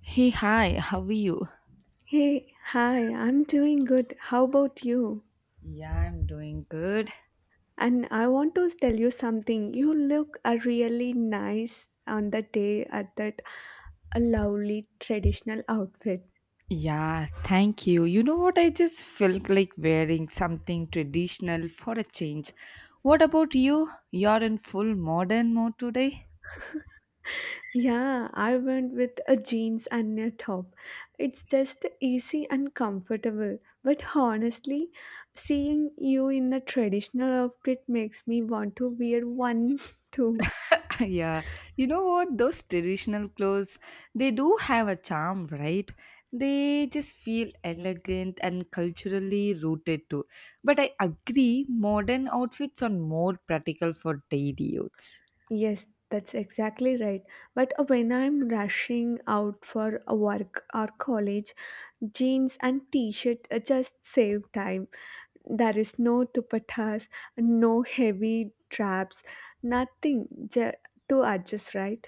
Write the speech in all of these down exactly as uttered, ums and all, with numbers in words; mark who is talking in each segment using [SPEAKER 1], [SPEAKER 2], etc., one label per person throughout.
[SPEAKER 1] Hey, hi, how are you?
[SPEAKER 2] Hey, hi, I'm doing good. How about you?
[SPEAKER 1] Yeah, I'm doing good.
[SPEAKER 2] And I want to tell you something. You look uh, really nice on the day at that lovely traditional outfit.
[SPEAKER 1] Yeah, thank you. You know what? I just felt like wearing something traditional for a change. What about you? You're in full modern mode today?
[SPEAKER 2] Yeah, I went with a jeans and a top. It's just easy and comfortable. But honestly, seeing you in a traditional outfit makes me want to wear one too.
[SPEAKER 1] Yeah, you know what? Those traditional clothes, they do have a charm, right? They just feel elegant and culturally rooted too. But I agree, modern outfits are more practical for daily use.
[SPEAKER 2] Yes, that's exactly right. But uh, when I'm rushing out for a work or college, jeans and t-shirt uh, just save time. There is no dupattas, no heavy traps, nothing ju- to adjust, right?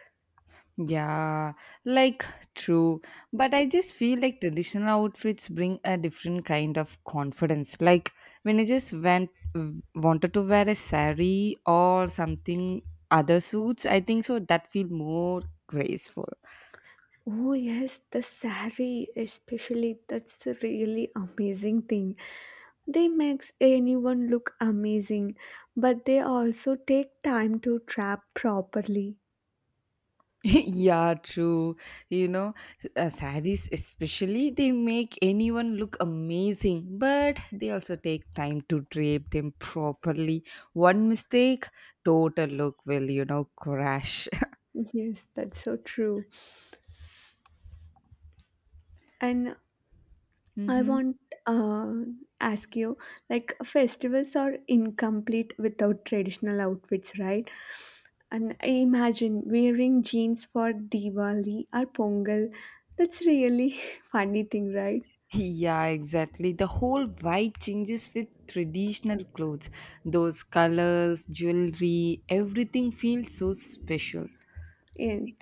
[SPEAKER 1] Yeah, like true. But I just feel like traditional outfits bring a different kind of confidence. Like when I just went wanted to wear a sari or something other suits, I think so that feel more graceful.
[SPEAKER 2] Oh yes, the sari especially that's a really amazing thing. They makes anyone look amazing, but they also take time to trap properly.
[SPEAKER 1] yeah, true. You know, uh, saris especially they make anyone look amazing, but they also take time to drape them properly. One mistake, total look will you know crash.
[SPEAKER 2] Yes, that's so true. And I
[SPEAKER 1] Mm-hmm.
[SPEAKER 2] want uh, ask you, like festivals are incomplete without traditional outfits, right? And I imagine wearing jeans for Diwali or Pongal. That's really funny thing, right?
[SPEAKER 1] Yeah, exactly. The whole vibe changes with traditional clothes. Those colors, jewelry, everything feels so special.
[SPEAKER 2] And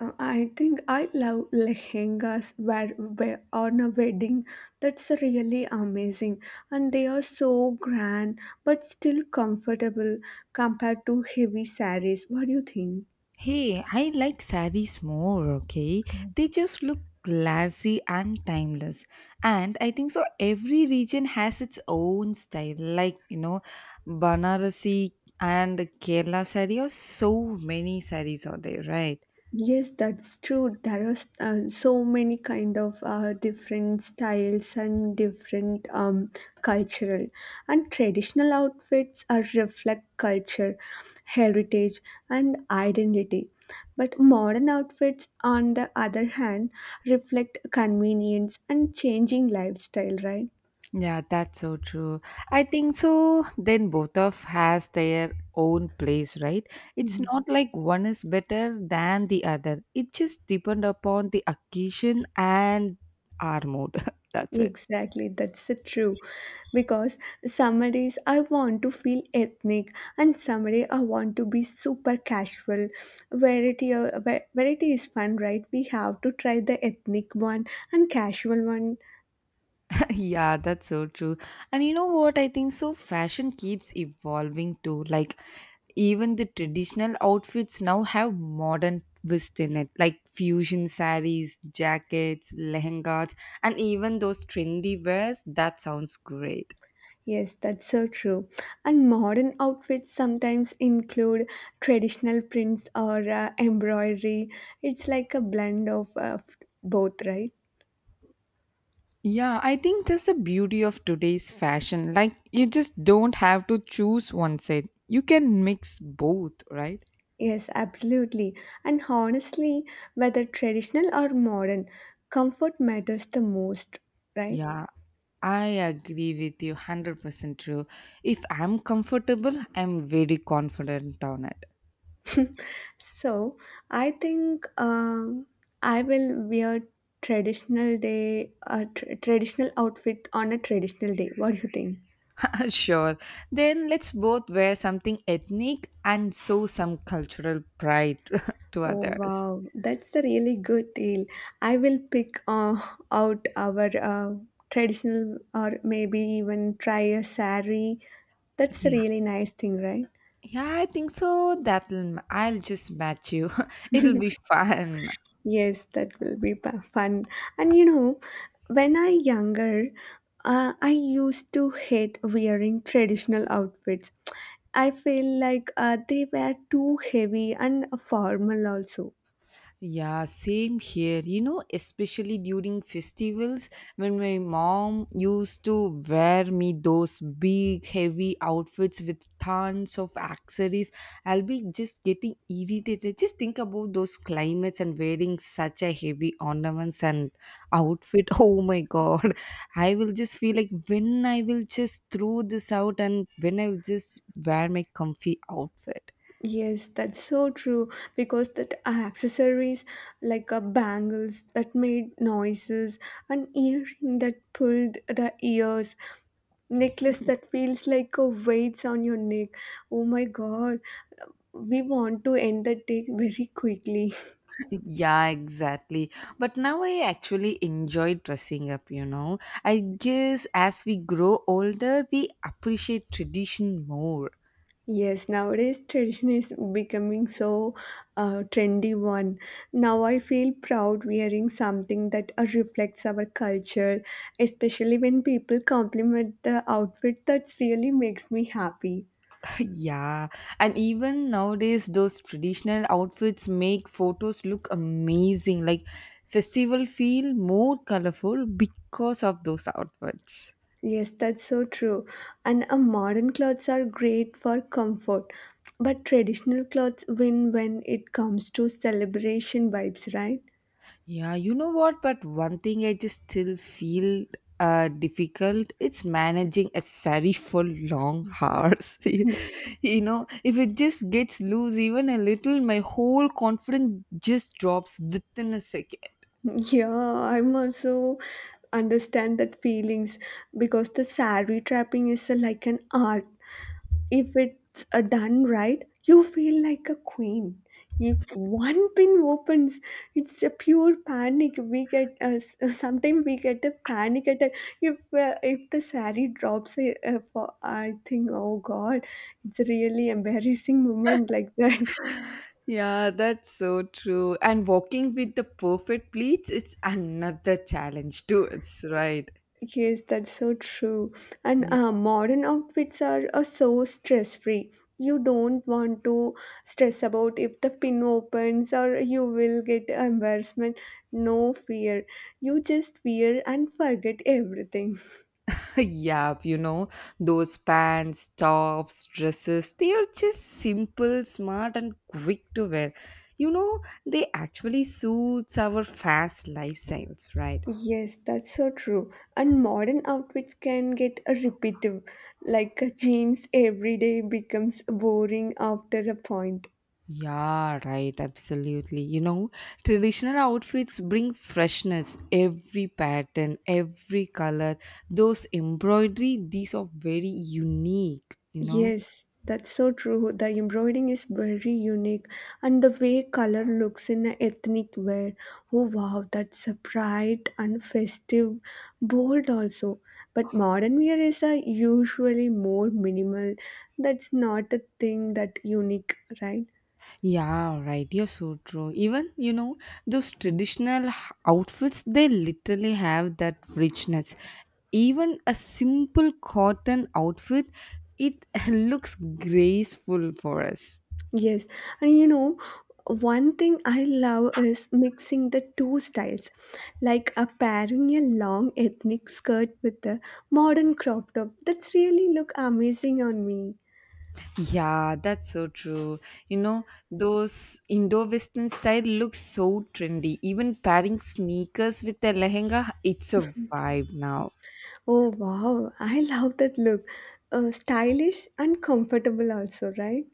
[SPEAKER 2] uh, I think I love lehengas where, where on a wedding. That's really amazing, and they are so grand but still comfortable compared to heavy saris. What do you think?
[SPEAKER 1] Hey, I like saris more, okay? They just look classy and timeless. And I think so every region has its own style. Like, you know, Banarasi and Kerala sari or so many saris are there, right?
[SPEAKER 2] Yes, that's true. There are s- uh, so many kind of uh, different styles and different um, cultural and traditional outfits are reflect culture, heritage, and identity. But modern outfits, on the other hand, reflect convenience and changing lifestyle. Right?
[SPEAKER 1] Yeah, that's so true. I think so. Then both of has their own place, right? It's
[SPEAKER 2] Mhm.
[SPEAKER 1] not like one is better than the other. It just depend upon the occasion and our mood. that's it.
[SPEAKER 2] Exactly, that's the true. Because some days I want to feel ethnic, and some day I want to be super casual. Variety, uh, va- variety is fun, right? We have to try the ethnic one and casual one.
[SPEAKER 1] yeah, that's so true. And you know what? I think so. Fashion keeps evolving too. Like even the traditional outfits now have modern twist in it, like fusion saris, jackets, lehengas, and even those trendy wears. That sounds great.
[SPEAKER 2] Yes, that's so true. And modern outfits sometimes include traditional prints or uh, embroidery. It's like a blend of uh, both, right?
[SPEAKER 1] Yeah, I think that's the beauty of today's fashion. Like, you just don't have to choose one side. You can mix both, right?
[SPEAKER 2] Yes, absolutely. And honestly, whether traditional or modern, comfort matters the most, right?
[SPEAKER 1] Yeah, I agree with you. one hundred percent true. If I'm comfortable, I'm very confident on it.
[SPEAKER 2] So I think um, I will wear traditional day, a tr traditional outfit on a traditional day. What do you think?
[SPEAKER 1] Sure. Then let's both wear something ethnic and show some cultural pride to
[SPEAKER 2] Oh
[SPEAKER 1] others.
[SPEAKER 2] wow, that's a really good deal. I will pick uh, out our uh, traditional or maybe even try a sari. That's a
[SPEAKER 1] Yeah,
[SPEAKER 2] really nice thing, right?
[SPEAKER 1] yeah, I think so. That'll, m- I'll just match you. It'll be fun.
[SPEAKER 2] Yes, that will be pa- Fun. And you know, when I younger, uh, I used to hate wearing traditional outfits. I feel like uh, they were too heavy and formal also.
[SPEAKER 1] Yeah, same here. You know, especially during festivals when my mom used to wear me those big heavy outfits with tons of accessories, I'll be just getting irritated. Just think about those climates and wearing such a heavy ornaments and outfit. Oh my god. I will just feel like when I will just throw this out and when I will just wear my comfy outfit.
[SPEAKER 2] Yes, that's so true because that uh, accessories like uh, bangles that made noises and earring that pulled the ears necklace that feels like a weights on your neck. Oh my god. We want to end the day very quickly.
[SPEAKER 1] Yeah, exactly. But now I actually enjoy dressing up, you know. I guess as we grow older, we appreciate tradition more.
[SPEAKER 2] Yes, nowadays tradition is becoming so uh, trendy one. Now I feel proud wearing something that uh, reflects our culture, especially when people compliment the outfit. That's really makes me happy.
[SPEAKER 1] yeah, and even nowadays, those traditional outfits make photos look amazing. Like, festival feel more colorful because of those outfits.
[SPEAKER 2] Yes, that's so true. And uh, modern clothes are great for comfort, but traditional clothes win when it comes to celebration vibes, right?
[SPEAKER 1] Yeah, you know what? But one thing I just still feel uh, difficult. It's managing a sari for long hours.
[SPEAKER 2] Y-
[SPEAKER 1] you know, if it just gets loose even a little, my whole confidence just drops within a second.
[SPEAKER 2] Yeah, I'm also understand that feelings because the saree trapping is a, like an art if it's uh, done right, you feel like a queen. If one pin opens, it's a pure panic. We get uh, s- uh, sometimes we get a panic attack. If uh, if the sari drops, uh, uh, for, I think, oh God, it's a really embarrassing moment like that.
[SPEAKER 1] Yeah, that's so true. And walking with the perfect pleats, it's another challenge too. It's right.
[SPEAKER 2] Yes, that's so true. And uh, modern outfits are, are so stress free. You don't want to stress about if the pin opens or you will get embarrassment. No fear. You just wear and forget everything.
[SPEAKER 1] Yep, you know, those pants, tops, dresses, they are just simple, smart, and quick to wear. You know, they actually suits our fast lifestyles, right?
[SPEAKER 2] Yes, that's so true. And modern outfits can get uh, repetitive. Like uh, jeans every day becomes boring after a point.
[SPEAKER 1] Yeah, right, absolutely. You know, traditional outfits bring freshness, every pattern, every color, those embroidery, these are very unique, you know.
[SPEAKER 2] Yes, that's so true. The embroidering is very unique, and the way color looks in a ethnic wear. Oh wow, that's a bright and festive, bold also. But modern wear is a usually more minimal. That's not a thing that unique, right?
[SPEAKER 1] Yeah, right. You're so true. Even, you know, those traditional h- outfits, they literally have that richness. Even a simple cotton outfit, it looks graceful for us.
[SPEAKER 2] Yes, and you know, one thing I love is mixing the two styles, like a pairing a long ethnic skirt with a modern crop top. That's really look amazing on me.
[SPEAKER 1] Yeah, that's so true. You know, those Indo-Western style looks so trendy. Even pairing sneakers with a lehenga, it's a vibe now.
[SPEAKER 2] Oh wow, I love that look. Uh, stylish and comfortable also, right?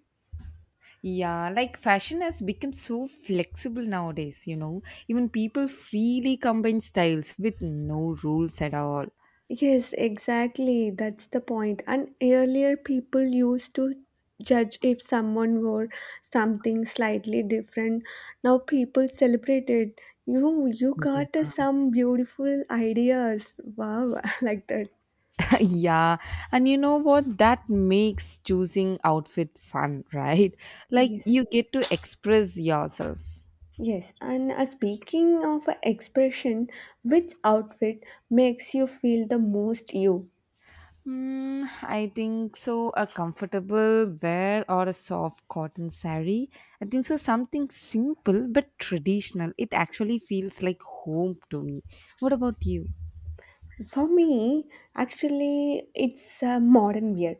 [SPEAKER 1] Yeah, like fashion has become so flexible nowadays, you know. Even people freely combine styles with no rules at all.
[SPEAKER 2] Yes, exactly. That's the point. And earlier, people used to judge if someone wore something slightly different. Now people celebrate it. You, you got uh,
[SPEAKER 1] Yeah.
[SPEAKER 2] some beautiful ideas. Wow, I like that.
[SPEAKER 1] yeah. And you know what? That makes choosing outfit fun, right? Like
[SPEAKER 2] Yes,
[SPEAKER 1] you get to express yourself.
[SPEAKER 2] yes. And uh, speaking of uh, expression, which outfit makes you feel the most you?
[SPEAKER 1] Mm, I think so. A comfortable wear or a soft cotton sari. I think so. Something simple but traditional. It actually feels like home to me. What about you?
[SPEAKER 2] For me, actually, it's uh, modern wear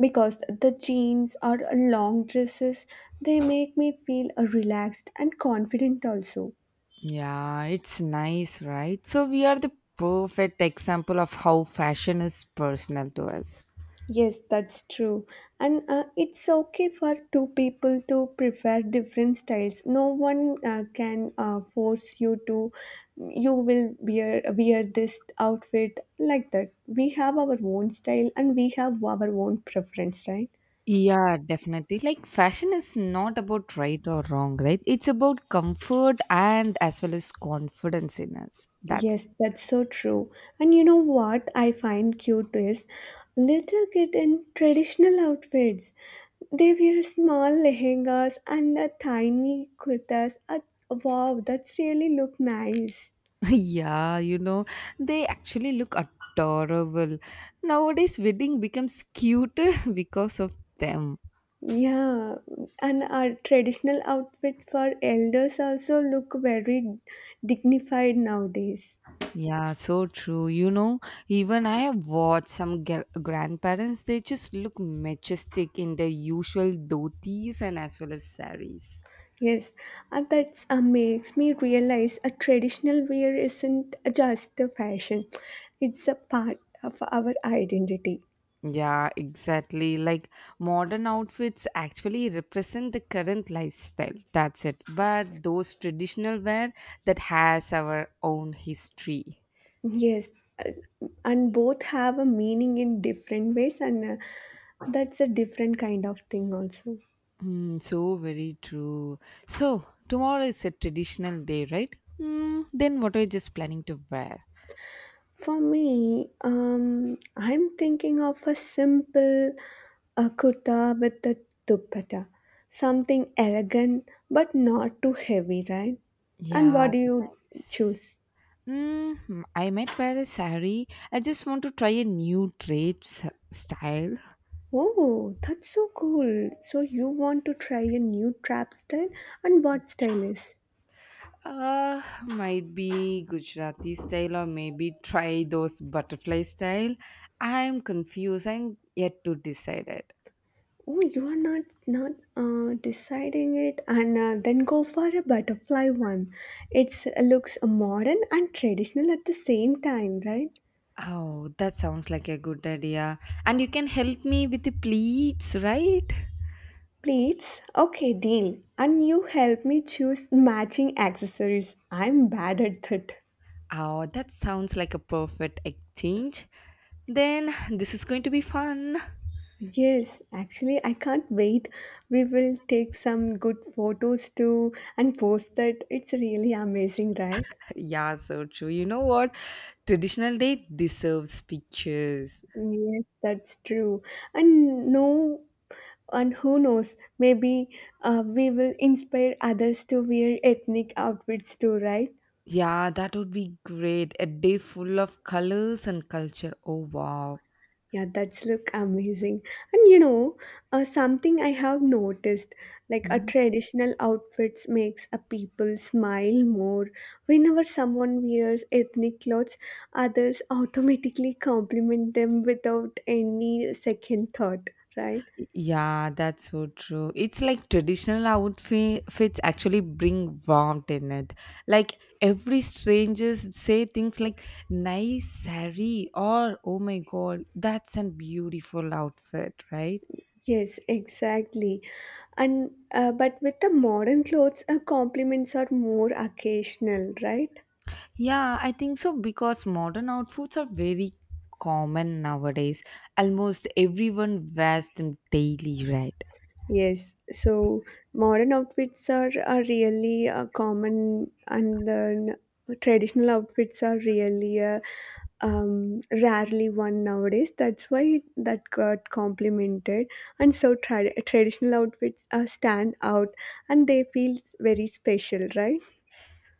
[SPEAKER 2] because the jeans or long dresses they make me feel uh, relaxed and confident also.
[SPEAKER 1] Yeah, it's nice, right? So we are the perfect example of how fashion is personal to us.
[SPEAKER 2] Yes, that's true, and uh, it's okay for two people to prefer different styles. No one uh, can uh, force you to you will wear wear this outfit like that. We have our own style and we have our own preference, right?
[SPEAKER 1] Yeah, definitely. Like fashion is not about right or wrong, right? It's about comfort and as well as confidence in us. That's
[SPEAKER 2] Yes, that's so true. And you know what I find cute is little kid in traditional outfits. They wear small lehengas and a tiny kurtas. Uh, wow, that's really look nice.
[SPEAKER 1] yeah, you know, they actually look adorable. Nowadays wedding becomes cuter because of them.
[SPEAKER 2] Yeah, and our traditional outfit for elders also look very dignified nowadays.
[SPEAKER 1] Yeah, so true. You know, even I have watched some gr- grandparents, they just look majestic in their usual dhotis and as well as saris.
[SPEAKER 2] Yes, and that uh, makes me realize a traditional wear isn't just a fashion, it's a part of our identity.
[SPEAKER 1] Yeah, exactly. Like modern outfits actually represent the current lifestyle. That's it. But those traditional wear that has our own history.
[SPEAKER 2] Yes, uh, and both have a meaning in different ways, and uh, that's a different kind of thing, also.
[SPEAKER 1] Mm, so very true. So tomorrow is a traditional day, right? Mm, then what are you just planning to wear?
[SPEAKER 2] For me, um, I'm thinking of a simple uh, kurta with a dupatta, something elegant but not too heavy, right? And
[SPEAKER 1] Yeah,
[SPEAKER 2] what do you
[SPEAKER 1] nice.
[SPEAKER 2] choose?
[SPEAKER 1] Mm, I might wear a sari. I just want to try a new trade s- style.
[SPEAKER 2] Oh, that's so cool. So you want to try a new trap style and what style is?
[SPEAKER 1] Uh, might be Gujarati style or maybe try those butterfly style. I'm confused. I'm yet to decide it.
[SPEAKER 2] Oh, you are not not uh, deciding it and uh, then go for a butterfly one. It looks modern and traditional at the same time, right?
[SPEAKER 1] Oh, that sounds like a good idea. And you can help me with the pleats, right?
[SPEAKER 2] Pleats? Okay, deal. And you help me choose matching accessories. I'm bad at that.
[SPEAKER 1] Oh, that sounds like a perfect exchange. Then this is going to be fun.
[SPEAKER 2] Yes, actually, I can't wait. We will take some good photos too and post that. It's really amazing, right?
[SPEAKER 1] Yeah, so true. You know what? Traditional day deserves pictures.
[SPEAKER 2] Yes, that's true. And no, and who knows, maybe uh, we will inspire others to wear ethnic outfits too, right?
[SPEAKER 1] Yeah, that would be great. A day full of colors and culture. Oh, wow.
[SPEAKER 2] Yeah, that's look amazing. And you know, uh, something I have noticed, like a
[SPEAKER 1] Mhm.
[SPEAKER 2] traditional outfits makes a people smile more. Whenever someone wears ethnic clothes, others automatically compliment them without any second thought, right?
[SPEAKER 1] Yeah, that's so true. It's like traditional outfits actually bring warmth in it. Like every strangers say things like nice sari or oh my god, that's a beautiful outfit, right?
[SPEAKER 2] Yes, exactly. And uh, but with the modern clothes, uh, compliments are more occasional, right?
[SPEAKER 1] Yeah, I think so because modern outfits are very common nowadays. Almost everyone wears them daily, right?
[SPEAKER 2] Yes, so modern outfits are, are really uh, common, and then traditional outfits are really uh, um, rarely worn nowadays. That's why that got complemented, and so tra- traditional outfits uh, stand out, and they feel very special, right?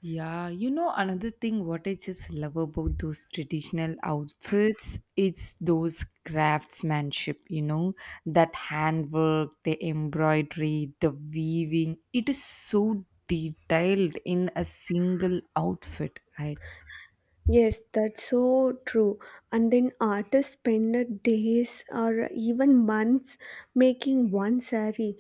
[SPEAKER 1] Yeah, you know another thing what I just love about those traditional outfits, it's those craftsmanship, you know, that handwork, the embroidery, the weaving, it is so detailed in a single outfit, right?
[SPEAKER 2] Yes, that's so true. And then artists spend days or even months making one saree.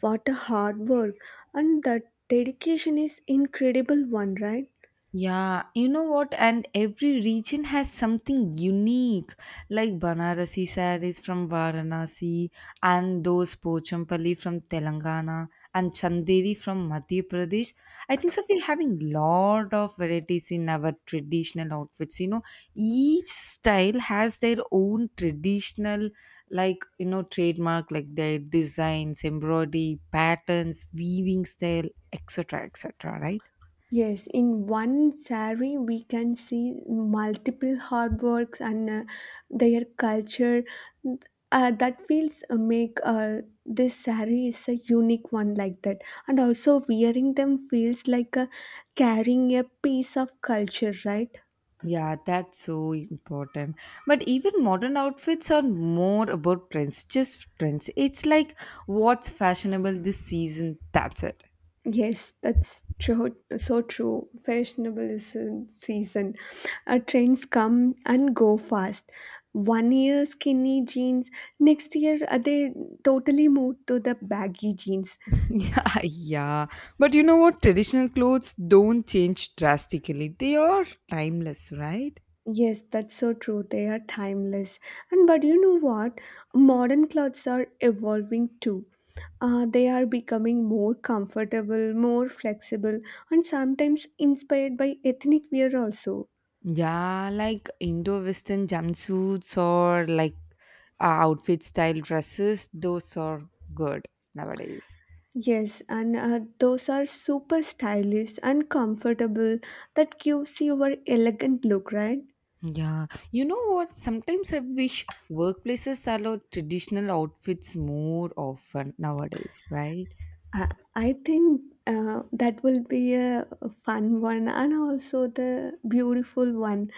[SPEAKER 2] What a hard work. And that dedication is incredible one, right?
[SPEAKER 1] Yeah, you know what? And every region has something unique, like Banarasi sarees from Varanasi, and those Pochampalli from Telangana, and Chanderi from Madhya Pradesh. I think so. We're having lot of varieties in our traditional outfits. You know, each style has their own traditional, like you know, trademark, like their designs, embroidery, patterns, weaving style, et cetera, et cetera. Right?
[SPEAKER 2] Yes, in one saree we can see multiple artworks and uh, their culture. Uh, that feels uh, make uh, this saree is a unique one like that. And also wearing them feels like uh, carrying a piece of culture, right?
[SPEAKER 1] Yeah, that's so important. But even modern outfits are more about trends, just trends. It's like what's fashionable this season, that's it.
[SPEAKER 2] Yes, that's true. So true. Fashionable is in season. Uh, trends come and go fast. One year skinny jeans, next year uh, they totally move to the baggy jeans.
[SPEAKER 1] Yeah, yeah. But you know what? Traditional clothes don't change drastically, they are timeless, right?
[SPEAKER 2] Yes, that's so true. They are timeless. And but you know what? Modern clothes are evolving too. Uh, they are becoming more comfortable, more flexible, and sometimes inspired by ethnic wear also.
[SPEAKER 1] Yeah, like Indo Western jumpsuits or like uh, outfit style dresses, those are good nowadays.
[SPEAKER 2] Yes, and uh, those are super stylish and comfortable. That gives you your elegant look, right?
[SPEAKER 1] Yeah, you know what? Sometimes I wish workplaces allow traditional outfits more often nowadays, right?
[SPEAKER 2] I, I think uh, that will be a fun one and also the beautiful one.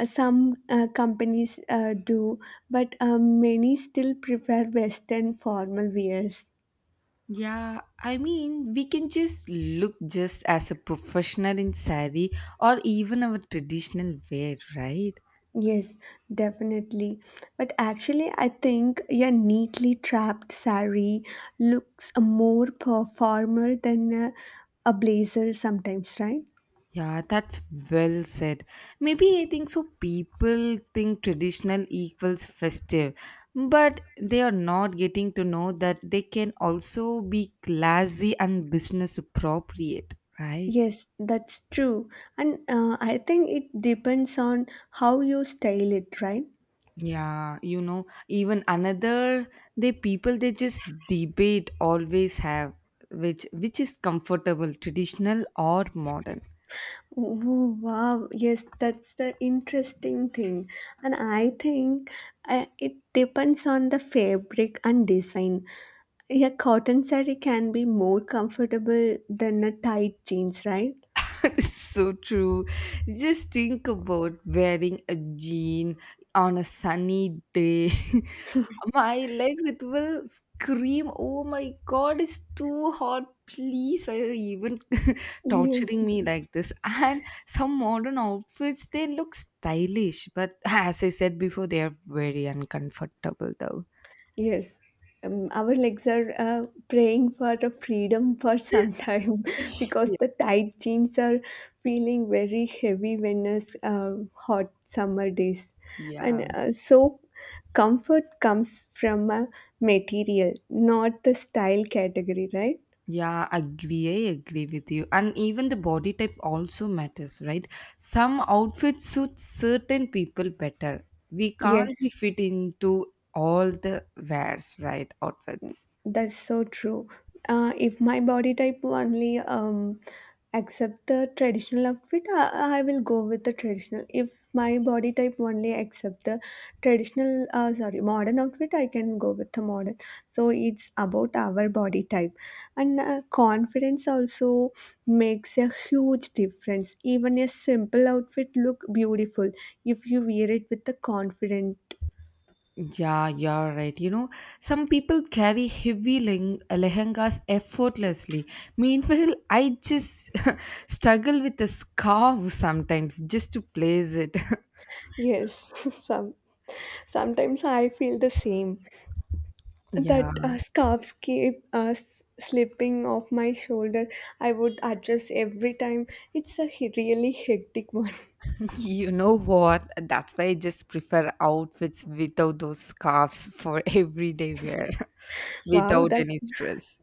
[SPEAKER 2] Uh, Some uh, companies uh, do, but uh, many still prefer Western formal wears.
[SPEAKER 1] Yeah, I mean, we can just look just as a professional in sari or even our traditional wear, right?
[SPEAKER 2] Yes, definitely. But actually, I think your neatly trapped sari looks more per- formal than a, a blazer sometimes, right?
[SPEAKER 1] Yeah, that's well said. Maybe I think so. People think traditional equals festive, but they are not getting to know that they can also be classy and business appropriate, right?
[SPEAKER 2] Yes, that's true. And uh, I think it depends on how you style it, right?
[SPEAKER 1] Yeah, you know, even another they people they just debate always have which which is comfortable, traditional or modern.
[SPEAKER 2] Oh, wow. Yes, that's the interesting thing. And I think uh, it depends on the fabric and design. Yeah, cotton saree can be more comfortable than a tight jeans, right?
[SPEAKER 1] So true. Just think about wearing a jean on a sunny day. my legs, it will scream, oh my god, it's too hot. Please, why are you even
[SPEAKER 2] Yes.
[SPEAKER 1] torturing me like this? And some modern outfits, they look stylish, but as I said before, they are very uncomfortable though.
[SPEAKER 2] Yes. Um, our legs are uh, praying for a freedom for some time because the tight jeans are feeling very heavy when it's uh, hot summer days.
[SPEAKER 1] Yeah.
[SPEAKER 2] And uh, so comfort comes from a material, not the style category, right?
[SPEAKER 1] Yeah, agree. I agree with you. And even the body type also matters, right? Some outfits suit certain people better. We can't be
[SPEAKER 2] Yes.
[SPEAKER 1] fit into all the wears, right? Outfits.
[SPEAKER 2] That's so true. Uh, if my body type only um, accept the traditional outfit, I, I will go with the traditional. If my body type only accept the traditional, uh, sorry, modern outfit, I can go with the modern. So it's about our body type, and uh, confidence also makes a huge difference. Even a simple outfit look beautiful if you wear it with the confident.
[SPEAKER 1] Yeah, you're right. You know, some people carry heavy leng- lehengas effortlessly. Meanwhile, I just struggle with the scarf sometimes just to place it.
[SPEAKER 2] Yes, some sometimes I feel the same. That
[SPEAKER 1] Yeah.
[SPEAKER 2] uh, scarf keep uh, s- slipping off my shoulder. I would adjust every time. It's a he- really hectic one.
[SPEAKER 1] You know what? That's why I just prefer outfits without those scarves for everyday wear,
[SPEAKER 2] Wow,
[SPEAKER 1] without
[SPEAKER 2] that
[SPEAKER 1] any stress.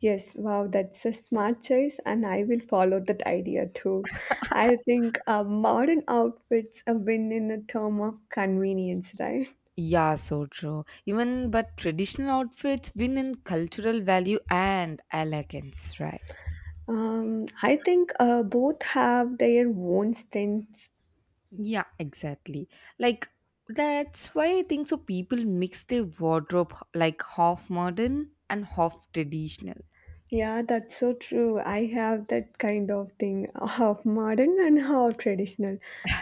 [SPEAKER 2] yes, wow, that's a smart choice, and I will follow that idea too. I think uh, modern outfits have been in a term of convenience, right?
[SPEAKER 1] Yeah, so true. Even but traditional outfits win in cultural value and elegance, right?
[SPEAKER 2] Um, I think uh, both have their own strengths.
[SPEAKER 1] Yeah, exactly. Like that's why I think so people mix their wardrobe h- like half modern and half traditional.
[SPEAKER 2] Yeah, that's so true. I have that kind of thing, half modern and half traditional.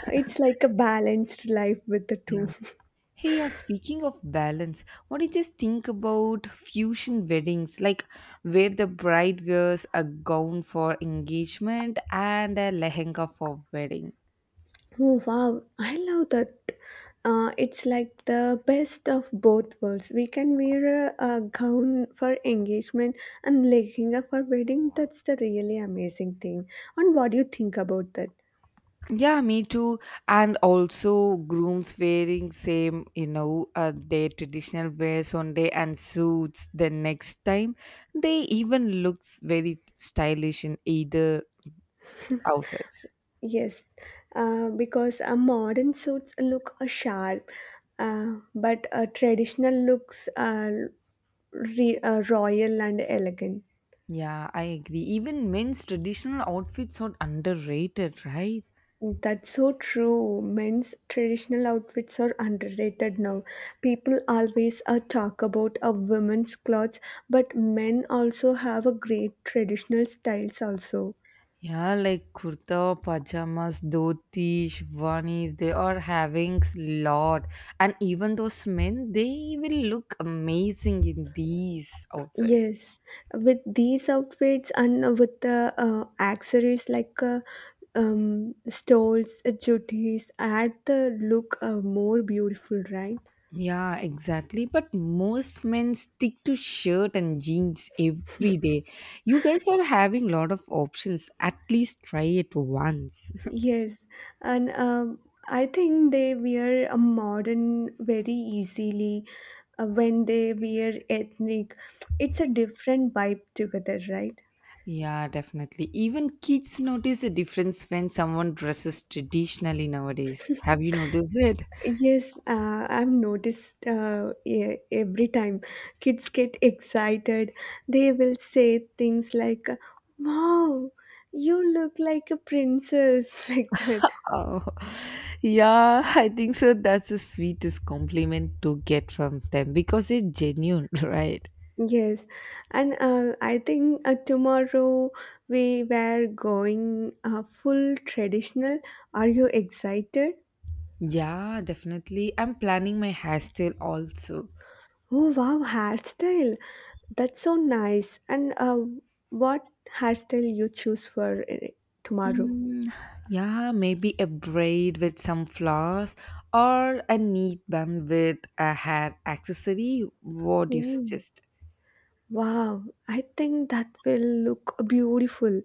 [SPEAKER 2] It's like a balanced life with the
[SPEAKER 1] Yeah.
[SPEAKER 2] two.
[SPEAKER 1] Hey, yeah, speaking of balance, what do you just think about fusion weddings, like where the bride wears a gown for engagement and a lehenga for wedding?
[SPEAKER 2] Oh, wow. I love that. Uh, it's like the best of both worlds. We can wear a, a gown for engagement and lehenga for wedding. That's the really amazing thing. And what do you think about that?
[SPEAKER 1] Yeah, me too. And also grooms wearing same, you know, uh, their traditional wears one day and suits the next time. They even looks very stylish in either outfits.
[SPEAKER 2] Yes, uh, because uh, modern suits look uh, sharp, uh, but uh, traditional looks uh, re- uh, royal and elegant.
[SPEAKER 1] Yeah, I agree. Even men's traditional outfits are underrated, right?
[SPEAKER 2] That's so true. Men's traditional outfits are underrated now. People always uh, talk about a women's clothes, but men also have a great traditional styles also.
[SPEAKER 1] Yeah, like kurta, pajamas, dhoti, shirwanis, they are having s- lot. And even those men, they will look amazing in these outfits.
[SPEAKER 2] Yes, with these outfits and uh, with the uh, accessories like uh, um, stoles, uh, jooties, add the look uh, more beautiful, right?
[SPEAKER 1] Yeah, exactly. But most men stick to shirt and jeans every day. You guys are having lot of options. At least try it once.
[SPEAKER 2] Yes, and um, I think they wear a modern very easily uh, when they wear ethnic. It's a different vibe together, right?
[SPEAKER 1] yeah, definitely. Even kids notice a difference when someone dresses traditionally nowadays. Have you noticed it?
[SPEAKER 2] Yes, uh, I've noticed uh, e- every time kids get excited, they will say things like, wow, you look like a princess, like that.
[SPEAKER 1] Oh, yeah, I think so. That's the sweetest compliment to get from them because it's genuine, right?
[SPEAKER 2] Yes, and uh, I think uh, tomorrow we were going uh, full traditional. Are you excited?
[SPEAKER 1] Yeah, definitely. I'm planning my hairstyle also.
[SPEAKER 2] Oh, wow, hairstyle. That's so nice. And uh, what hairstyle you choose for uh, tomorrow?
[SPEAKER 1] Mm, yeah, maybe a braid with some flowers or a neat bun with a hair accessory. What do you
[SPEAKER 2] Oh.
[SPEAKER 1] suggest?
[SPEAKER 2] Wow, I think that will look beautiful.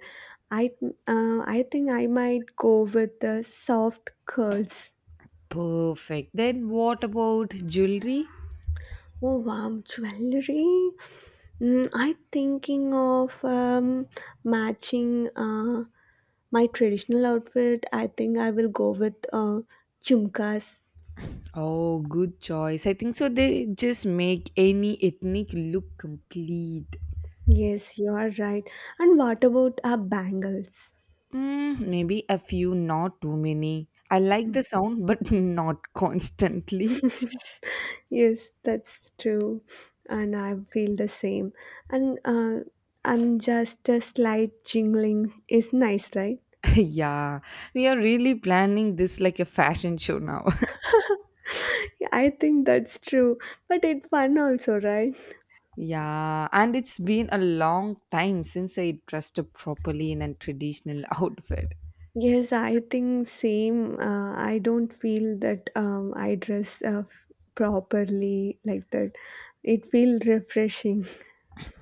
[SPEAKER 2] I uh, I think I might go with the soft curls.
[SPEAKER 1] Perfect. Then what about jewelry?
[SPEAKER 2] Oh wow, jewelry. Mm, I'm thinking of um, matching uh, my traditional outfit. I think I will go with uh, chumkas.
[SPEAKER 1] Oh, good choice. I think so. They just make any ethnic look complete.
[SPEAKER 2] Yes, you are right. And what about our bangles?
[SPEAKER 1] Mm, maybe a few, not too many. I like the sound, but not constantly.
[SPEAKER 2] Yes, that's true, and I feel the same. And uh, and just a slight jingling is nice, right?
[SPEAKER 1] yeah, we are really planning this like a fashion show now.
[SPEAKER 2] Yeah, I think that's true, but it's fun also, right?
[SPEAKER 1] yeah, and it's been a long time since I dressed up properly in a traditional outfit.
[SPEAKER 2] Yes, I think same. Uh, I don't feel that um, I dress uh, f- properly like that. It feels refreshing.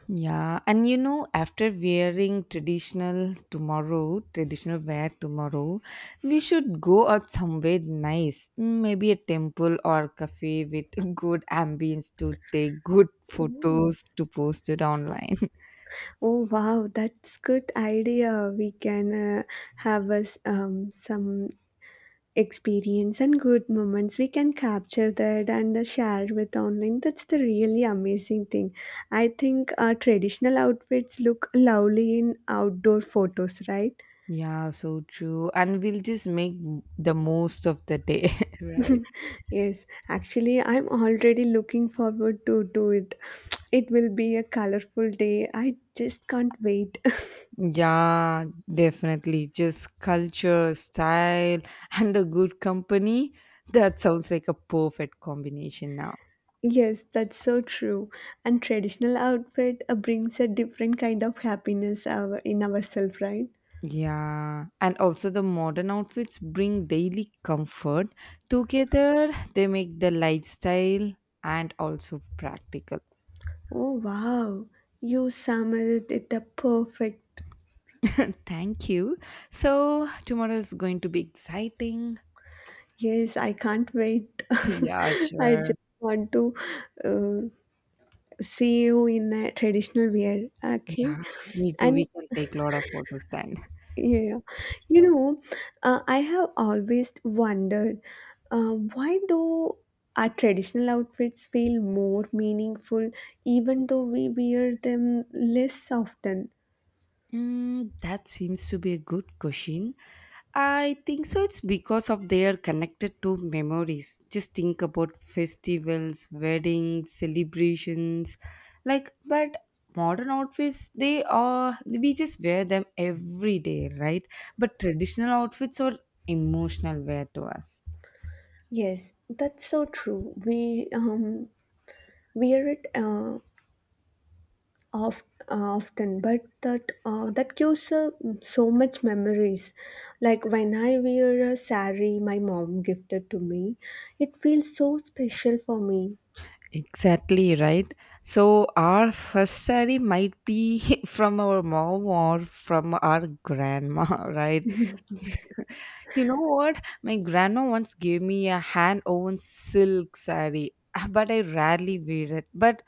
[SPEAKER 1] Yeah, and you know, after wearing traditional tomorrow, traditional wear tomorrow, we should go out somewhere nice, maybe a temple or cafe with good ambience to take good
[SPEAKER 2] Mm.
[SPEAKER 1] photos to post it online.
[SPEAKER 2] Oh wow, that's good idea. We can uh, have us um, some experience and good moments, we can capture that and uh, share with online. That's the really amazing thing. I think our traditional outfits look lovely in outdoor photos, right?
[SPEAKER 1] Yeah, so true. And we'll just make the most of the day, right?
[SPEAKER 2] Yes, actually, I'm already looking forward to do it. It will be a colorful day. I just can't wait.
[SPEAKER 1] Yeah, definitely. Just culture, style, and a good company. That sounds like a perfect combination now.
[SPEAKER 2] Yes, that's so true. And traditional outfit uh, brings a different kind of happiness our, in ourselves, right?
[SPEAKER 1] Yeah, and also the modern outfits bring daily comfort. Together, they make the lifestyle and also practical.
[SPEAKER 2] Oh wow, you summed it up perfect.
[SPEAKER 1] Thank you. So, tomorrow is going to be exciting.
[SPEAKER 2] Yes, I can't wait.
[SPEAKER 1] Yeah,
[SPEAKER 2] I just
[SPEAKER 1] sure.
[SPEAKER 2] want to uh, see you in a traditional wear. Okay,
[SPEAKER 1] Yeah, me too.
[SPEAKER 2] and
[SPEAKER 1] We can take a lot of photos then.
[SPEAKER 2] yeah, you know, uh, I have always wondered uh, why do our traditional outfits feel more meaningful even though we wear them less often.
[SPEAKER 1] Mm, that seems to be a good question. I think so. It's because of they are connected to memories. Just think about festivals, weddings, celebrations. Like, but modern outfits, they are, we just wear them every day, right? But traditional outfits are emotional wear to us.
[SPEAKER 2] Yes, that's so true. We um wear it uh, of uh, often, but that uh, that gives uh, so much memories, like when I wear a sari my mom gifted to me, it feels so special for me.
[SPEAKER 1] Exactly right. So our first sari might be from our mom or from our grandma, right?
[SPEAKER 2] Yes.
[SPEAKER 1] You know what? My grandma once gave me a hand woven silk sari, but I rarely wear it. But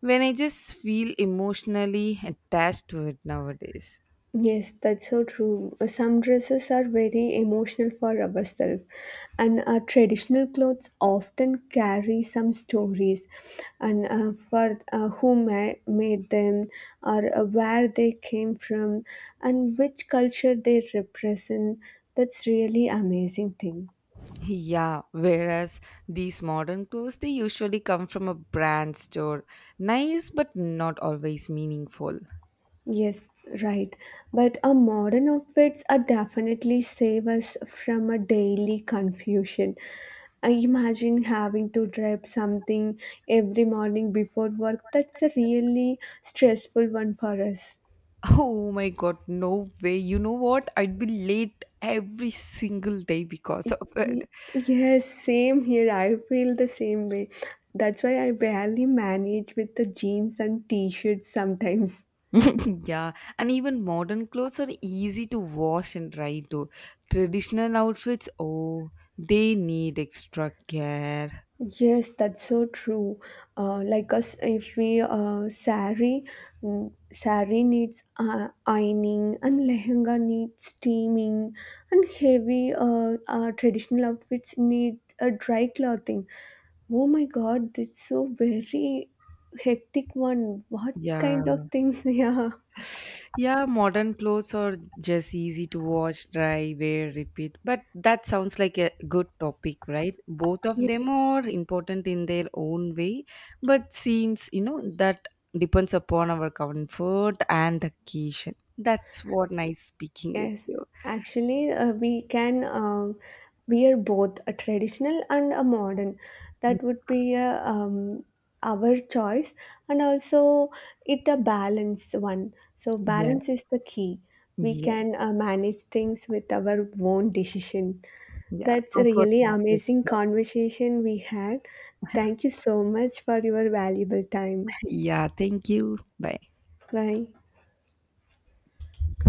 [SPEAKER 1] when I just feel emotionally attached to it nowadays.
[SPEAKER 2] Yes, that's so true. Some dresses are very emotional for ourselves, and our traditional clothes often carry some stories, and uh, for uh, who ma- made them, or uh, where they came from, and which culture they represent. That's really amazing thing.
[SPEAKER 1] Yeah, whereas these modern clothes they usually come from a brand store. Nice but not always meaningful.
[SPEAKER 2] Yes, right. But our modern outfits are definitely save us from a daily confusion. I imagine having to dress something every morning before work. That's a really stressful one for us.
[SPEAKER 1] Oh my god, no way. You know what? I'd be late every single day because of
[SPEAKER 2] Y-
[SPEAKER 1] it.
[SPEAKER 2] Yes, same here. I feel the same way. That's why I barely manage with the jeans and t-shirts sometimes.
[SPEAKER 1] Yeah, and even modern clothes are easy to wash and dry too. Traditional outfits, oh, they need extra care.
[SPEAKER 2] Yes, that's so true. Uh, like us, if we uh, sari, mm, sari needs uh, ironing, and lehenga needs steaming, and heavy uh, uh, traditional outfits need a dry clothing. Oh my God, that's so very hectic one. What
[SPEAKER 1] Yeah,
[SPEAKER 2] kind of things? Yeah.
[SPEAKER 1] yeah, modern clothes are just easy to wash, dry, wear, repeat. But that sounds like a good topic, right? Both of them are important in their own way, but seems, you know, that depends upon our comfort and occasion. That's what nice speaking with
[SPEAKER 2] Yes,
[SPEAKER 1] you.
[SPEAKER 2] actually, uh, we can um, wear both a traditional and a modern. That would be uh, um, our choice, and also it a balance one. So
[SPEAKER 1] Yeah,
[SPEAKER 2] balance is the key. We
[SPEAKER 1] yes.
[SPEAKER 2] can uh, manage things with our own decision.
[SPEAKER 1] Yeah,
[SPEAKER 2] That's a
[SPEAKER 1] comfort
[SPEAKER 2] really
[SPEAKER 1] matters
[SPEAKER 2] amazing
[SPEAKER 1] a lot.
[SPEAKER 2] conversation we had. Thank you so much for your valuable time.
[SPEAKER 1] Yeah, thank you. Bye.
[SPEAKER 2] Bye.